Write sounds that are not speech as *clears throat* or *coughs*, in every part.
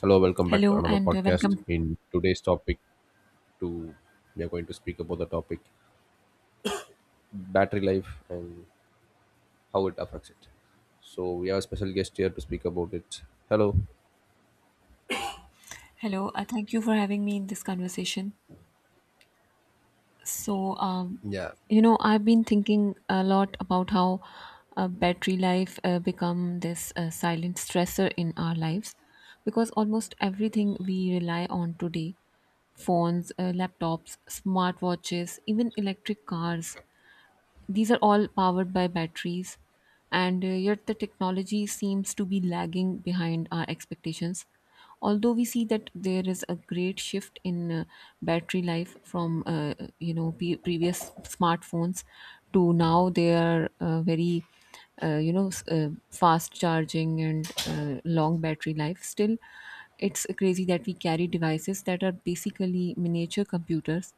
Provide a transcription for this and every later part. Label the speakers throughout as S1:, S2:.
S1: Hello, welcome back to
S2: Hello
S1: another
S2: and
S1: podcast.
S2: welcome.
S1: In today's topic, to we are going to speak about the topic battery life and how it affects it. So we have a special guest here to speak about it. Hello.
S2: Thank you for having me in this conversation. So, um,
S1: Yeah,
S2: you know, I've been thinking a lot about how battery life become this silent stressor in our lives because almost everything we rely on today, phones, laptops, smartwatches, even electric cars, these are all powered by batteries, and yet the technology seems to be lagging behind our expectations. Although we see that there is a great shift in battery life from you know, previous smartphones to now, they are very fast charging and long battery life. Still, it's crazy that we carry devices that are basically miniature computers,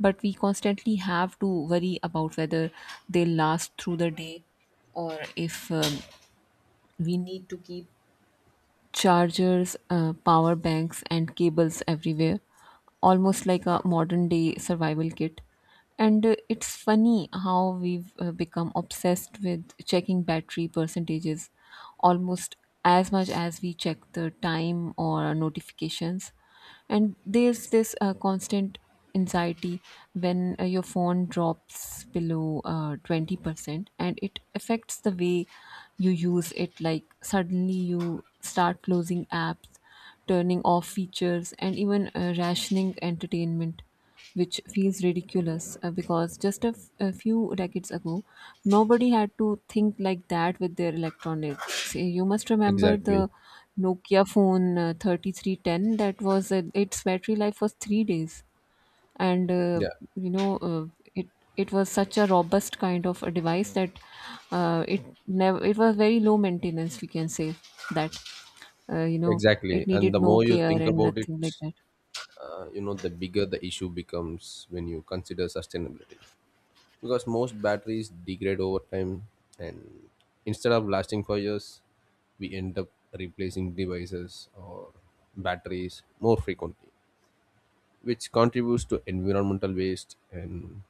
S2: but we constantly have to worry about whether they last through the day or if we need to keep chargers, power banks, and cables everywhere, almost like a modern day survival kit. And it's funny how we've become obsessed with checking battery percentages almost as much as we check the time or notifications, and there's this constant anxiety when your phone drops below 20% and it affects the way you use it. Like, suddenly you start closing apps, turning off features, and even rationing entertainment, which feels ridiculous because just a few decades ago, nobody had to think like that with their electronics. You must remember
S1: exactly.
S2: the Nokia phone 3310. That was its battery life was 3 days, and
S1: Yeah,
S2: you know uh, it it was such a robust kind of a device that it never it was very low maintenance. We can say that uh, you know it
S1: exactly. And
S2: needed
S1: the
S2: no
S1: more you
S2: care
S1: think
S2: and
S1: about it,
S2: nothing like that.
S1: you know, the bigger the issue becomes when you consider sustainability, because most batteries degrade over time, and instead of lasting for years we end up replacing devices or batteries more frequently, which contributes to environmental waste. And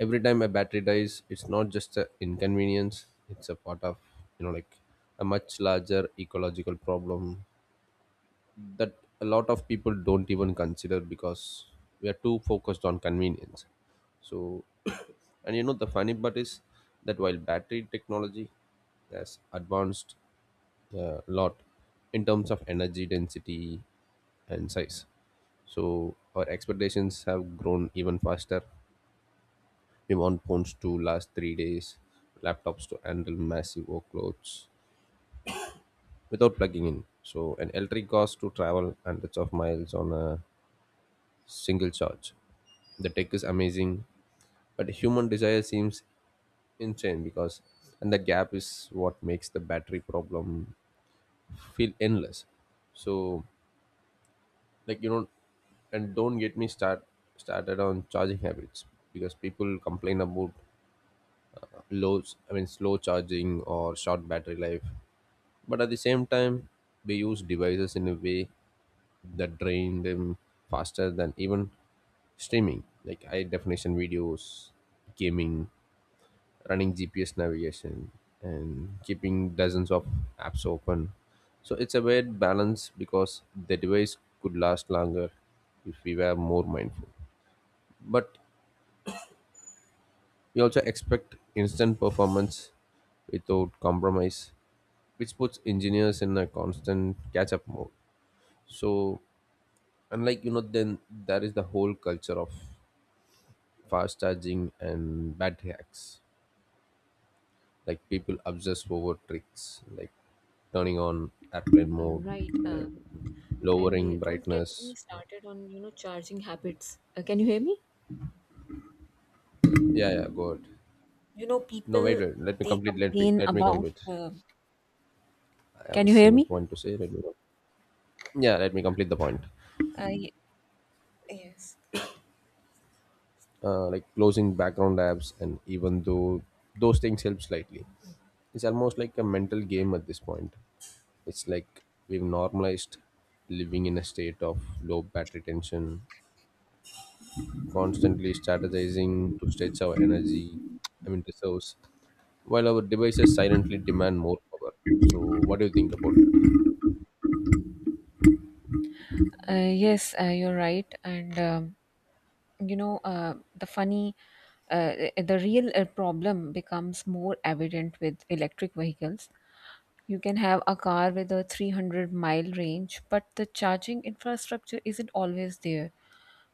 S1: every time a battery dies, it's not just an inconvenience, it's a part of, you know, like a much larger ecological problem that a lot of people don't even consider because we are too focused on convenience. So *coughs* *clears throat* and you know, the funny part is that while battery technology has advanced a lot in terms of energy density and size, so our expectations have grown even faster. We want phones to last 3 days, laptops to handle massive workloads without plugging in, so an electric cost to travel hundreds of miles on a single charge. The tech is amazing, but human desire seems insane, because, and the gap is what makes the battery problem feel endless. So, like you know, and don't get me start started on charging habits, because people complain about low, I mean slow charging or short battery life, but at the same time, we use devices in a way that drained them faster than even streaming, like high definition videos, gaming, running GPS navigation, and keeping dozens of apps open. So it's a weird balance, because the device could last longer if we were more mindful, but we also expect instant performance without compromise, which puts engineers in a constant catch up mode. So, unlike you know, then there is the whole culture of fast charging and battery hacks. Like, people obsess over tricks like turning on airplane mode
S2: Right. Uh,
S1: and
S2: and uh,
S1: lowering
S2: don't get me
S1: brightness.
S2: started on, you know, charging habits. Can you hear me?
S1: Yeah, yeah, go ahead.
S2: You know,
S1: No, wait,
S2: people,
S1: wait. Let me
S2: they
S1: complete. Let me
S2: complain
S1: let me
S2: about.
S1: complete. I have
S2: Can
S1: a
S2: you hear
S1: single
S2: me?
S1: point to say. Let me. Yeah, let me complete the point.
S2: I... yes.
S1: Like closing background apps, and even though those things help slightly, it's almost like a mental game at this point. It's like we've normalized living in a state of low battery tension, constantly strategizing to stretch our energy, I mean, reserves, while our devices silently demand more power. So, what do you think about it?
S2: Yes, you're right. And you know, the funny, eh, The real problem becomes more evident with electric vehicles. You can have a car with a 300-mile range, but the charging infrastructure isn't always there,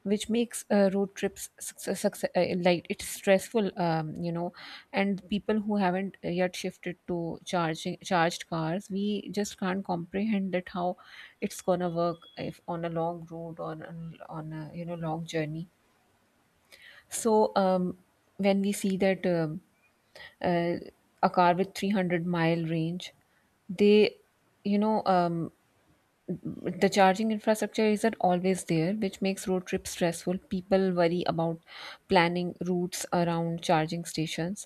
S2: which makes road trips like it's stressful, and people who haven't yet shifted to charging charged cars, we just can't comprehend that how it's gonna work if on a long road or on a, you know, long journey. So when we see that, uh, a car with 300-mile range, they you know the charging infrastructure isn't always there, which makes road trips stressful. People worry about planning routes around charging stations,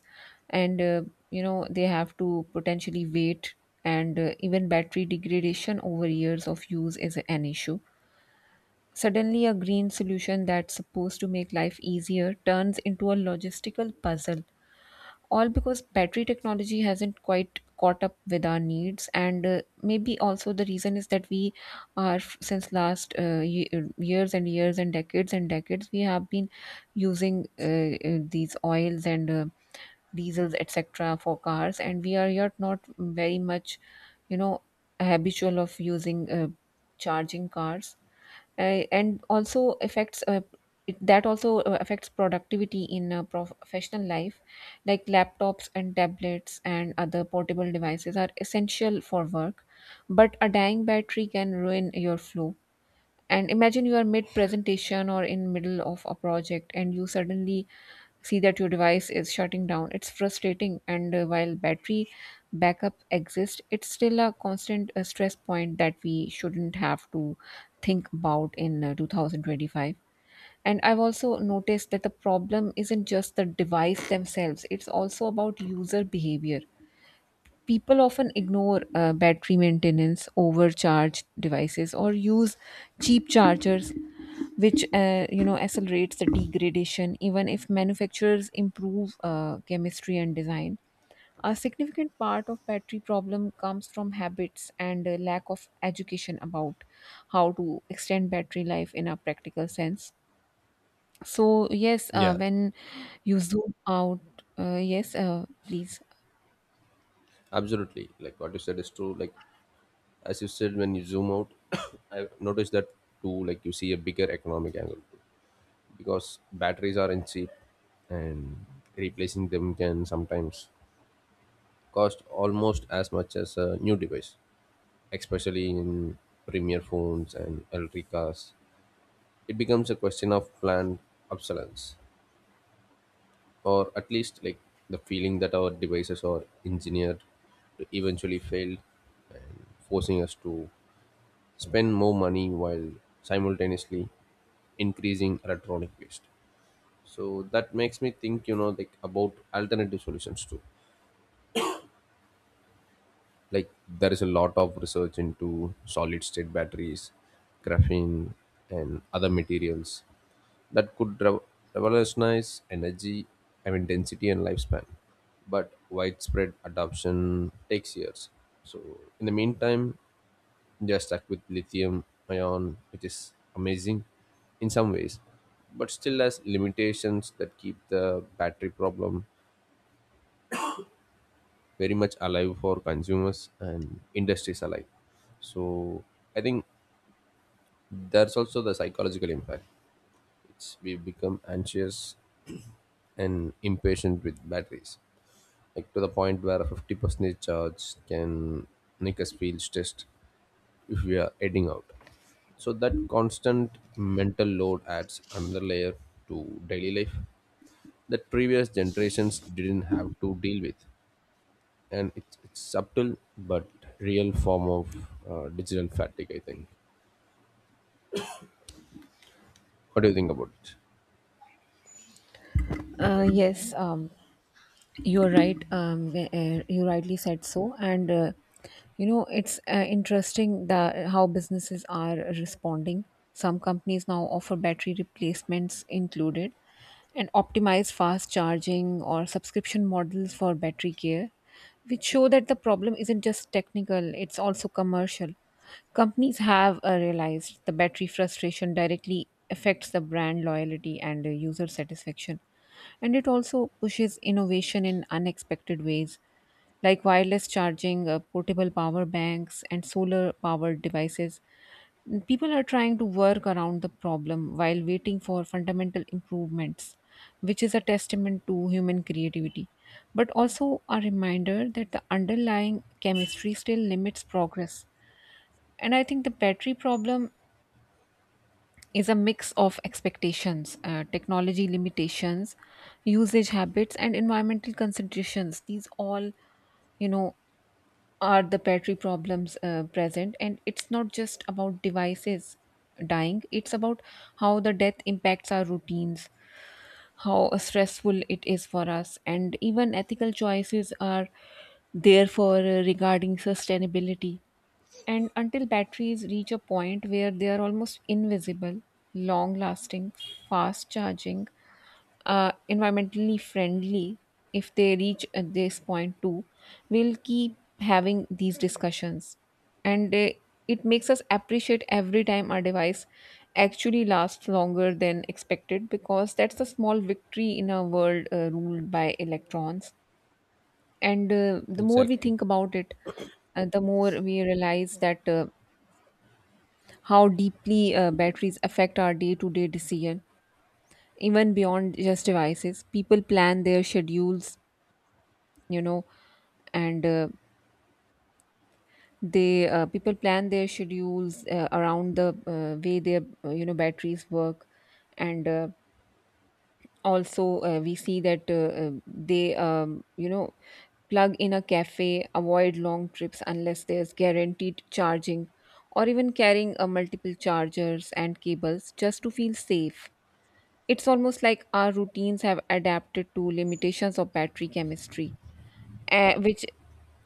S2: and they have to potentially wait, and even battery degradation over years of use is an issue. Suddenly, a green solution that's supposed to make life easier turns into a logistical puzzle, all because battery technology hasn't quite caught up with our needs. And maybe also the reason is that we are since last years and years and decades and decades, we have been using these oils and diesels etc for cars, and we are yet not very much, you know, habitual of using charging cars. Uh, and also affects uh, it, that also affects productivity in professional life. Like, laptops and tablets and other portable devices are essential for work, but a dying battery can ruin your flow. And imagine you are mid presentation or in middle of a project, and you suddenly see that your device is shutting down. It's frustrating, and while battery backup exists, it's still a constant stress point that we shouldn't have to think about in 2025. And I've also noticed that the problem isn't just the device themselves, it's also about user behavior. People often ignore battery maintenance, overcharge devices, or use cheap chargers, which accelerates the degradation. Even if manufacturers improve chemistry and design, a significant part of battery problem comes from habits and a lack of education about how to extend battery life in a practical sense. So yes,
S1: Yeah,
S2: when you zoom out... yes, please.
S1: absolutely. Like what you said is true. Like as you said, when you zoom out, *coughs* I've noticed that too. Like, you see a bigger economic angle too, because batteries aren't cheap, and replacing them can sometimes cost almost as much as a new device, especially in premier phones and electric cars. It becomes a question of planned obsolescence, or at least like the feeling that our devices are engineered to eventually fail, and forcing us to spend more money while simultaneously increasing electronic waste. So that makes me think, you know, like about alternative solutions too. Like, there is a lot of research into solid state batteries, graphene, and other materials that could revolutionize energy, I mean density and lifespan. But widespread adoption takes years. So in the meantime, they are stuck with lithium ion, which is amazing in some ways, but still has limitations that keep the battery problem very much alive for consumers and industries alike. So, I think there's also the psychological impact. It's, we become anxious and impatient with batteries, like to the point where a 50% charge can make us feel stressed if we are heading out. So that constant mental load adds another layer to daily life that previous generations didn't have to deal with, and it's subtle but real form of digital fatigue, I think. What do you think about it?
S2: uh, yes um, you're right. You rightly said so. And you know, it's interesting that how businesses are responding. Some companies now offer battery replacements included and optimize fast charging, or subscription models for battery care, which show that the problem isn't just technical, it's also commercial. Companies have realized the battery frustration directly affects the brand loyalty and user satisfaction, and it also pushes innovation in unexpected ways, like wireless charging, portable power banks, and solar powered devices. People are trying to work around the problem while waiting for fundamental improvements, which is a testament to human creativity, but also a reminder that the underlying chemistry still limits progress. And I think the battery problem is a mix of expectations, technology limitations, usage habits, and environmental considerations. These all, you know, are the battery problems present. And it's not just about devices dying, it's about how the death impacts our routines, how stressful it is for us, and even ethical choices are there for regarding sustainability. And until batteries reach a point where they are almost invisible, long lasting, fast charging, environmentally friendly, if they reach at this point too, we'll keep having these discussions. And it makes us appreciate every time our device actually lasts longer than expected, because that's a small victory in a world ruled by electrons. And the more we
S1: Exactly.
S2: think about it, the more we realize that. How deeply batteries affect our day-to-day decision, even beyond just devices. People plan their schedules, you know, and they people plan their schedules around the way their, batteries work. And uh, also uh, we see that they you know plug in a cafe, avoid long trips unless there's guaranteed charging, or even carrying multiple chargers and cables just to feel safe. It's almost like our routines have adapted to limitations of battery chemistry, which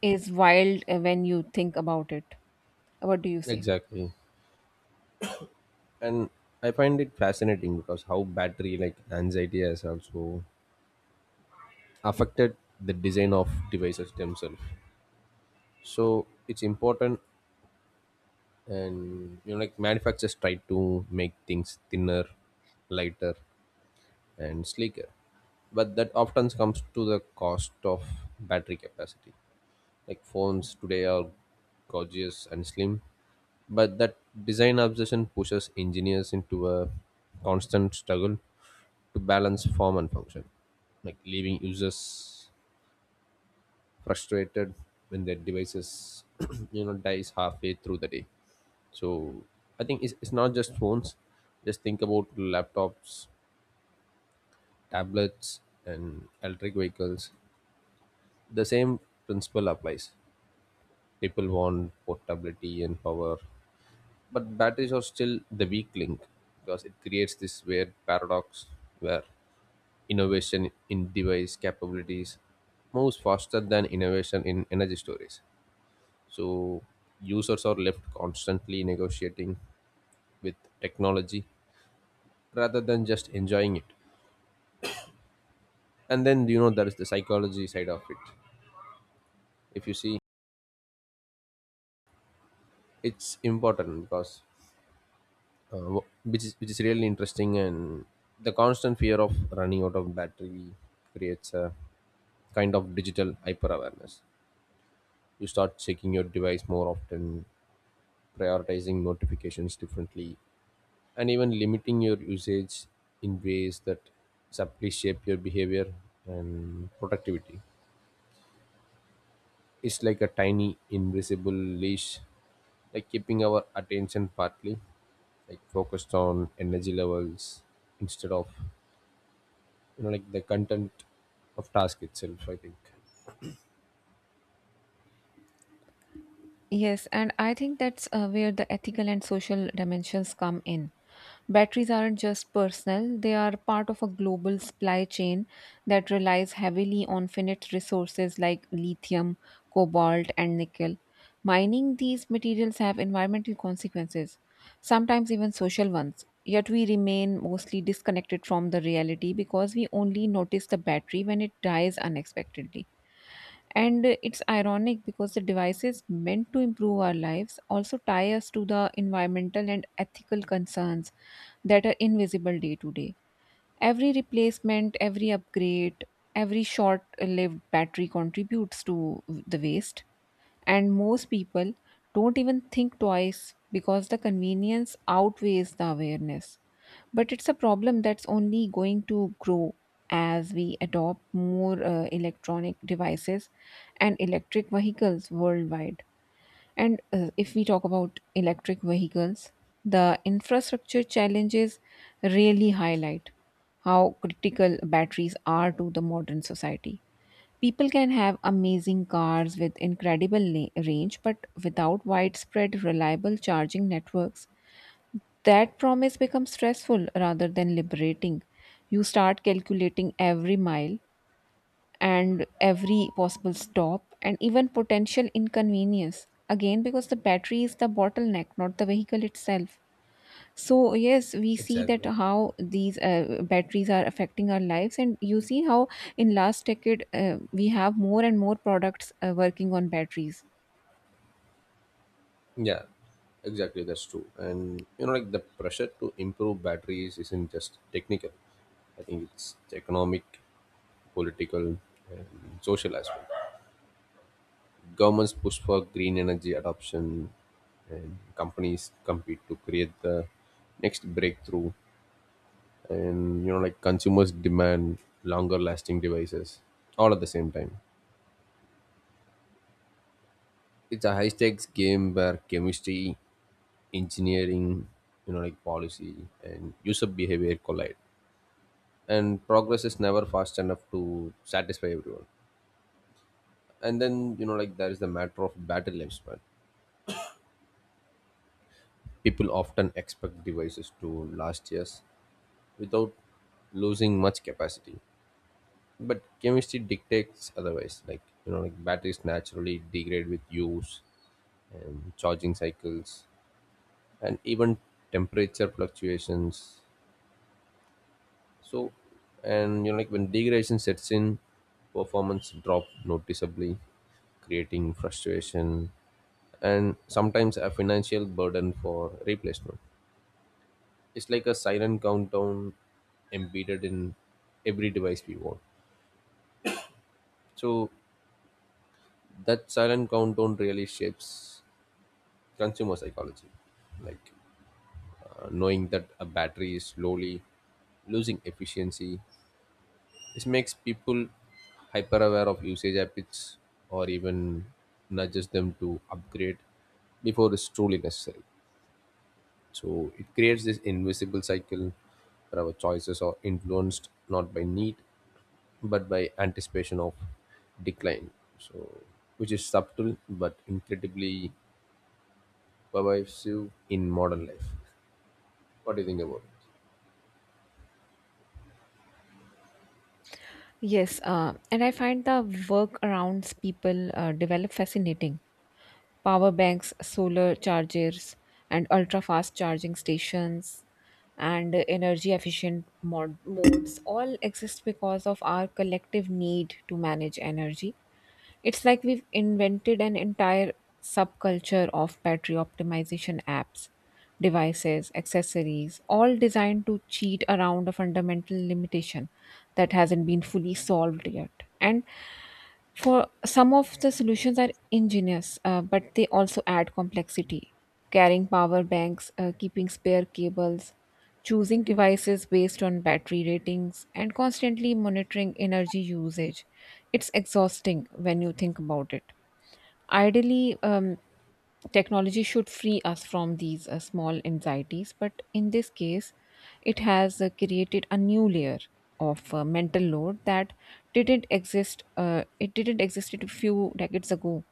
S2: is wild when you think about it. What do you say?
S1: Exactly. And I find it fascinating, because how battery like anxiety has also affected the design of devices themselves, so it's important. And you know, like manufacturers try to make things thinner, lighter, and sleeker, but that often comes to the cost of battery capacity. Like, phones today are gorgeous and slim, but that design obsession pushes engineers into a constant struggle to balance form and function, like leaving users frustrated when their devices *clears throat* you know, dies halfway through the day. So I think it's not just phones, just think about laptops, tablets, and electric vehicles. The same principle applies. People want portability and power, but batteries are still the weak link, because it creates this weird paradox where innovation in device capabilities moves faster than innovation in energy storage. So users are left constantly negotiating with technology rather than just enjoying it. And then you know, there is the psychology side of it. If you see, it's important because which is really interesting, and the constant fear of running out of battery creates a kind of digital hyper awareness. You start checking your device more often, prioritizing notifications differently, and even limiting your usage in ways that subtly shape your behavior and productivity. It's like a tiny invisible leash, like keeping our attention partly, like focused on energy levels instead of, you know, like the content of task itself. I think
S2: Yes, and I think that's where the ethical and social dimensions come in. Batteries aren't just personal, they are part of a global supply chain that relies heavily on finite resources like lithium, cobalt, and nickel. Mining these materials have environmental consequences, sometimes even social ones. Yet we remain mostly disconnected from the reality because we only notice the battery when it dies unexpectedly. And it's ironic because the devices meant to improve our lives also tie us to the environmental and ethical concerns that are invisible day to day. Every replacement, every upgrade, every short lived battery contributes to the waste. And most people don't even think twice because the convenience outweighs the awareness. But it's a problem that's only going to grow as we adopt more electronic devices and electric vehicles worldwide. And if we talk about electric vehicles, the infrastructure challenges really highlight how critical batteries are to the modern society. People can have amazing cars with incredible range, but without widespread reliable charging networks, that promise becomes stressful rather than liberating. You start calculating every mile and every possible stop and even potential inconvenience. Again, because the battery is the bottleneck, not the vehicle itself. So yes, we see that
S1: exactly.
S2: how these batteries are affecting our lives, and you see how in last decade, we have more and more products working on batteries.
S1: Yeah, exactly. That's true. And you know, like the pressure to improve batteries isn't just technical. I think it's economic, political, and social as well. Governments push for green energy adoption, and companies compete to create the next breakthrough. And you know, like consumers demand longer lasting devices all at the same time. It's a high stakes game where chemistry, engineering, you know, like policy and user behavior collide, and progress is never fast enough to satisfy everyone. And then you know, like there is the matter of battery lifespan. People often expect devices to last years without losing much capacity, but chemistry dictates otherwise. Like you know, like batteries naturally degrade with use and charging cycles, and even temperature fluctuations. So, and you know, like when degradation sets in, performance drop noticeably, creating frustration and sometimes a financial burden for replacement. It's like a silent countdown embedded in every device we want. So, that silent countdown really shapes consumer psychology, like knowing that a battery is slowly losing efficiency. This makes people hyper aware of usage habits, or even nudges them to upgrade before it's truly necessary. So it creates this invisible cycle where our choices are influenced not by need, but by anticipation of decline. So, which is subtle but incredibly pervasive in modern life. What do you think about it?
S2: Yes, and I find the workarounds people develop fascinating. Power banks, solar chargers, and ultra fast charging stations, and energy efficient modes all exist because of our collective need to manage energy. It's like we've invented an entire subculture of battery optimization apps, devices, accessories, all designed to cheat around a fundamental limitation that hasn't been fully solved yet. And for some of the solutions are ingenious, but they also add complexity. Carrying power banks, keeping spare cables, choosing devices based on battery ratings, and constantly monitoring energy usage. It's exhausting when you think about it. Ideally, technology should free us from these small anxieties, but in this case, it has created a new layer of mental load that didn't exist. It didn't exist a few decades ago.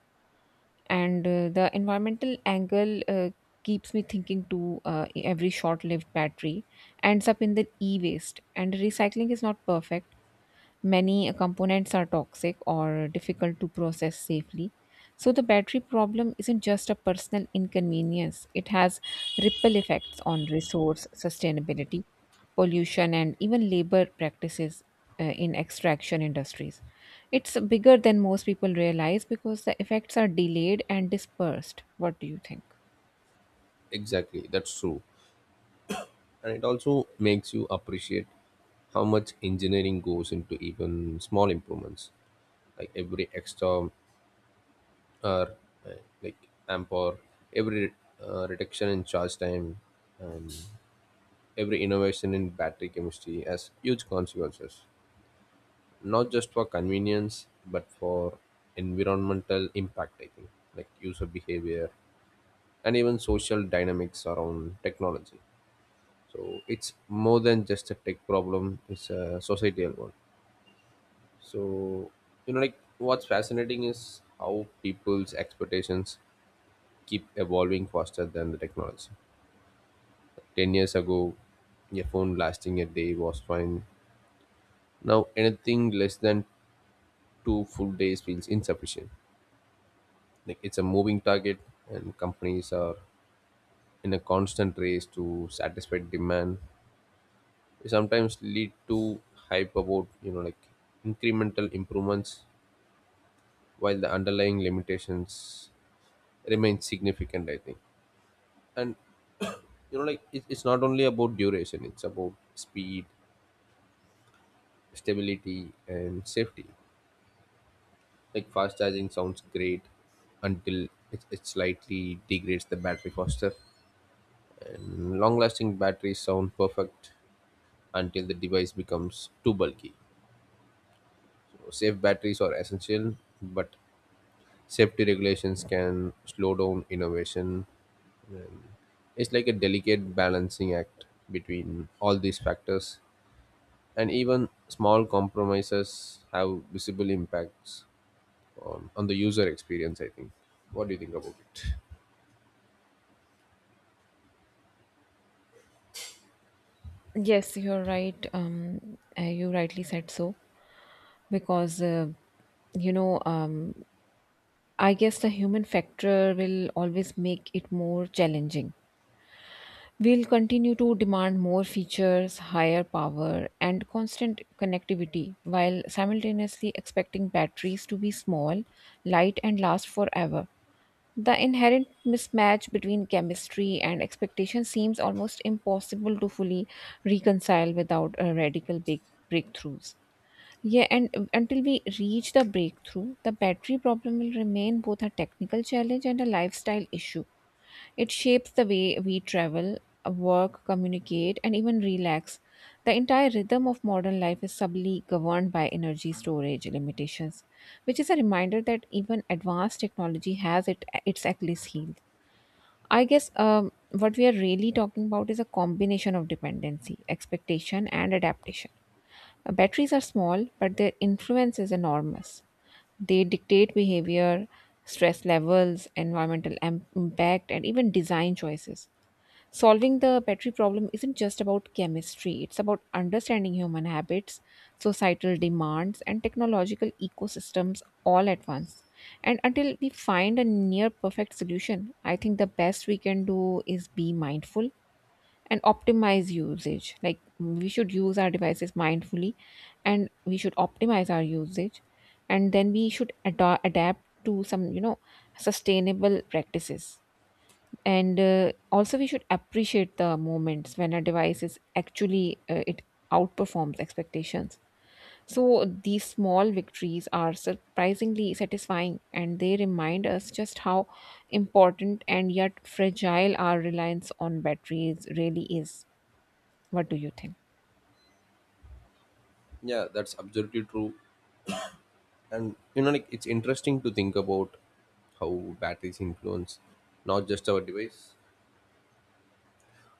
S2: And the environmental angle keeps me thinking to every short-lived battery ends up in the e-waste, and recycling is not perfect. Many components are toxic or difficult to process safely. So, the battery problem isn't just a personal inconvenience, it has ripple effects on resource sustainability, pollution, and even labor practices in extraction industries. It's bigger than most people realize because the effects are delayed and dispersed. What do you think?
S1: Exactly, that's true. And it also makes you appreciate how much engineering goes into even small improvements, like every extra uh, like amp, or every reduction in charge time, and every innovation in battery chemistry has huge consequences, not just for convenience but for environmental impact, I think. Like user behavior, and even social dynamics around technology. So it's more than just a tech problem; it's a societal one. So you know, like what's fascinating is how people's expectations keep evolving faster than the technology. 10 years ago, a phone lasting a day was fine. Now anything less than two full days feels insufficient. Like it's a moving target, and companies are in a constant race to satisfy demand. It sometimes lead to hype about, you know, like incremental improvements while the underlying limitations remain significant, I think. And you know, like it's not only about duration, it's about speed, stability, and safety. Like fast charging sounds great until it slightly degrades the battery faster, and long lasting batteries sound perfect until the device becomes too bulky. So safe batteries are essential, but safety regulations can slow down innovation. It's like a delicate balancing act between all these factors, and even small compromises have visible impacts on the user experience, I think. What do you think about it?
S2: Yes, you're right. You rightly said so because you know um, I guess the human factor will always make it more challenging. We'll continue to demand more features, higher power, and constant connectivity while simultaneously expecting batteries to be small, light, and last forever. The inherent mismatch between chemistry and expectation seems almost impossible to fully reconcile without a radical big breakthroughs. Yeah, and until we reach the breakthrough, the battery problem will remain both a technical challenge and a lifestyle issue. It shapes the way we travel, work, communicate, and even relax. The entire rhythm of modern life is subtly governed by energy storage limitations, which is a reminder that even advanced technology has its Achilles heel. I guess what we are really talking about is a combination of dependency, expectation, and adaptation. Batteries are small, but their influence is enormous. They dictate behavior, stress levels, environmental impact, and even design choices. Solving the battery problem isn't just about chemistry, it's about understanding human habits, societal demands, and technological ecosystems all at once. And until we find a near perfect solution, I think the best we can do is be mindful and optimize usage. Like we should use our devices mindfully and we should optimize our usage and then we should adapt to some sustainable practices and also we should appreciate the moments when a device is actually it outperforms expectations. So these small victories are surprisingly satisfying, and they remind us just how important and yet fragile our reliance on batteries really is. What do you think?
S1: Yeah, that's absolutely true. And you know, like it's interesting to think about how batteries influence not just our device,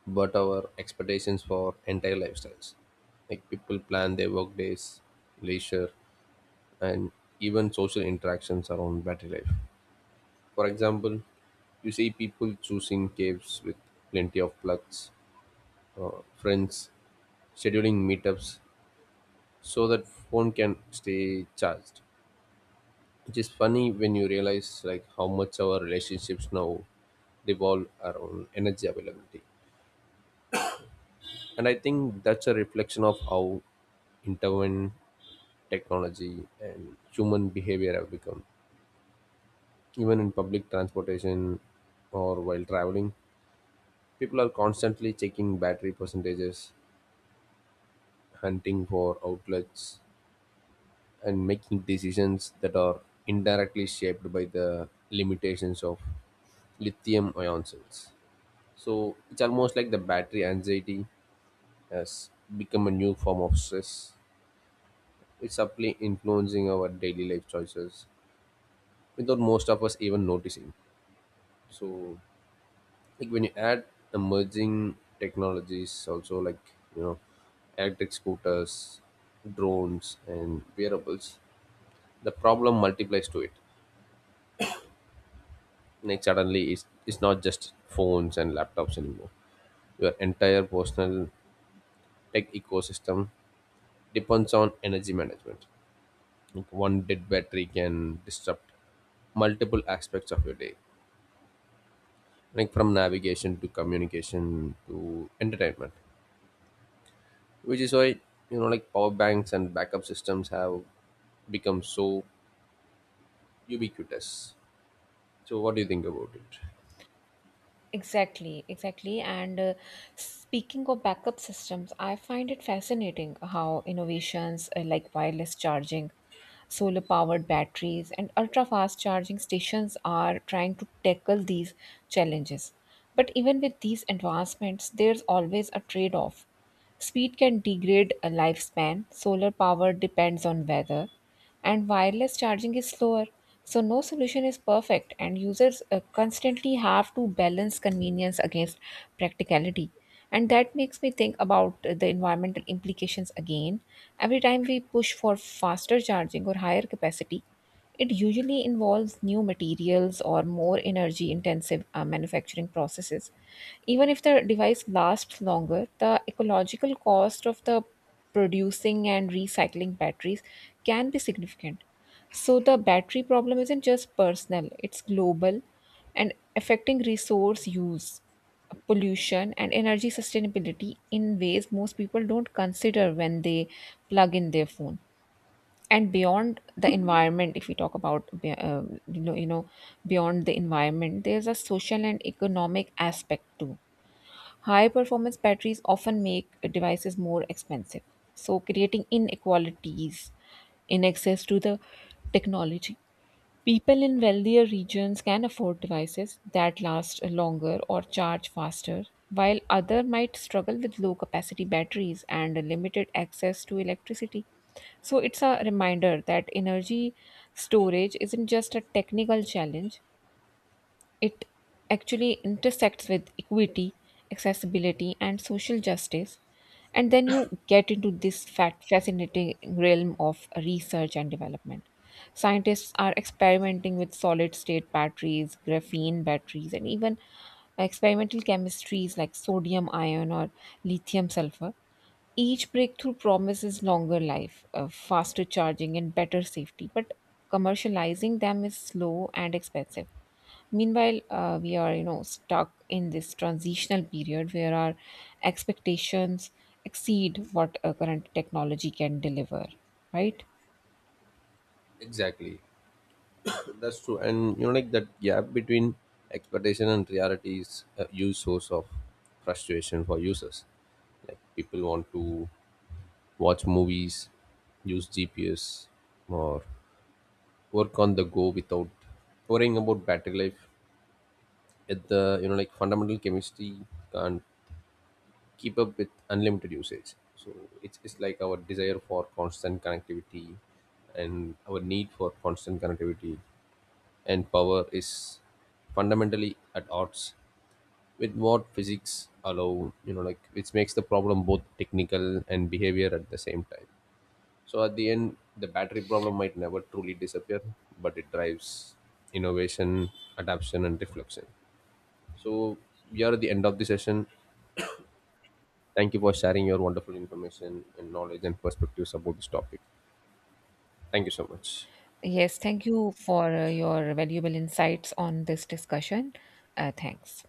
S1: but our expectations for entire lifestyles. Like people plan their work days, leisure, and even social interactions around battery life. For example, you see people choosing caves with plenty of plugs, friends scheduling meetups so that phone can stay charged. It is funny when you realize like how much our relationships now revolve around energy availability. And I think that's a reflection of how intertwined technology and human behavior have become. Even in public transportation or while traveling, people are constantly checking battery percentages, hunting for outlets, and making decisions that are indirectly shaped by the limitations of lithium ion cells. So it's almost like the battery anxiety has become a new form of stress. It's subtly influencing our daily life choices without most of us even noticing. So, like when you add emerging technologies, also like you know, electric scooters, drones, and wearables, the problem multiplies to it. Like suddenly, it's not just phones and laptops anymore. Your entire personal tech ecosystem depends on energy management. Like one dead battery can disrupt multiple aspects of your day, like from navigation to communication to entertainment, which is why, you know, like power banks and backup systems have become so ubiquitous. So, what do you think about it?
S2: Exactly, exactly. And speaking of backup systems, I find it fascinating how innovations like wireless charging, solar powered batteries, and ultra fast charging stations are trying to tackle these challenges. But even with these advancements, there's always a trade off. Speed can degrade a lifespan, solar power depends on weather, and wireless charging is slower. So, no solution is perfect, and users constantly have to balance convenience against practicality. And that makes me think about the environmental implications again. Every time we push for faster charging or higher capacity, it usually involves new materials or more energy intensive manufacturing processes. Even if the device lasts longer, the ecological cost of the producing and recycling batteries can be significant. So, the battery problem isn't just personal, it's global and affecting resource use, pollution, and energy sustainability in ways most people don't consider when they plug in their phone. And beyond the environment, if we talk about beyond the environment, there's a social and economic aspect too. High performance batteries often make devices more expensive, so creating inequalities in access to the technology. People in wealthier regions can afford devices that last longer or charge faster, while others might struggle with low capacity batteries and limited access to electricity. So it's a reminder that energy storage isn't just a technical challenge, it actually intersects with equity, accessibility, and social justice. And then you get into this fascinating realm of research and development. Scientists are experimenting with solid state batteries, graphene batteries, and even experimental chemistries like sodium ion or lithium sulfur. Each breakthrough promises longer life, faster charging, and better safety, but commercializing them is slow and expensive. Meanwhile, we are, you know, stuck in this transitional period where our expectations exceed what current technology can deliver, right?
S1: Exactly. That's true, and you know, like that gap between expectation and reality is a huge source of frustration for users. Like people want to watch movies, use GPS, or work on the go without worrying about battery life. At the, you know, like fundamental chemistry can't keep up with unlimited usage. So it's like our desire for constant connectivity and our need for constant connectivity and power is fundamentally at odds with what physics allow, you know, like which makes the problem both technical and behavior at the same time. So at the end, the battery problem might never truly disappear, but it drives innovation, adaptation, and reflection. So, we are at the end of the session. Thank you for sharing your wonderful information and knowledge and perspectives about this topic. Thank you so much.
S2: Yes, thank you for your valuable insights on this discussion. Thanks.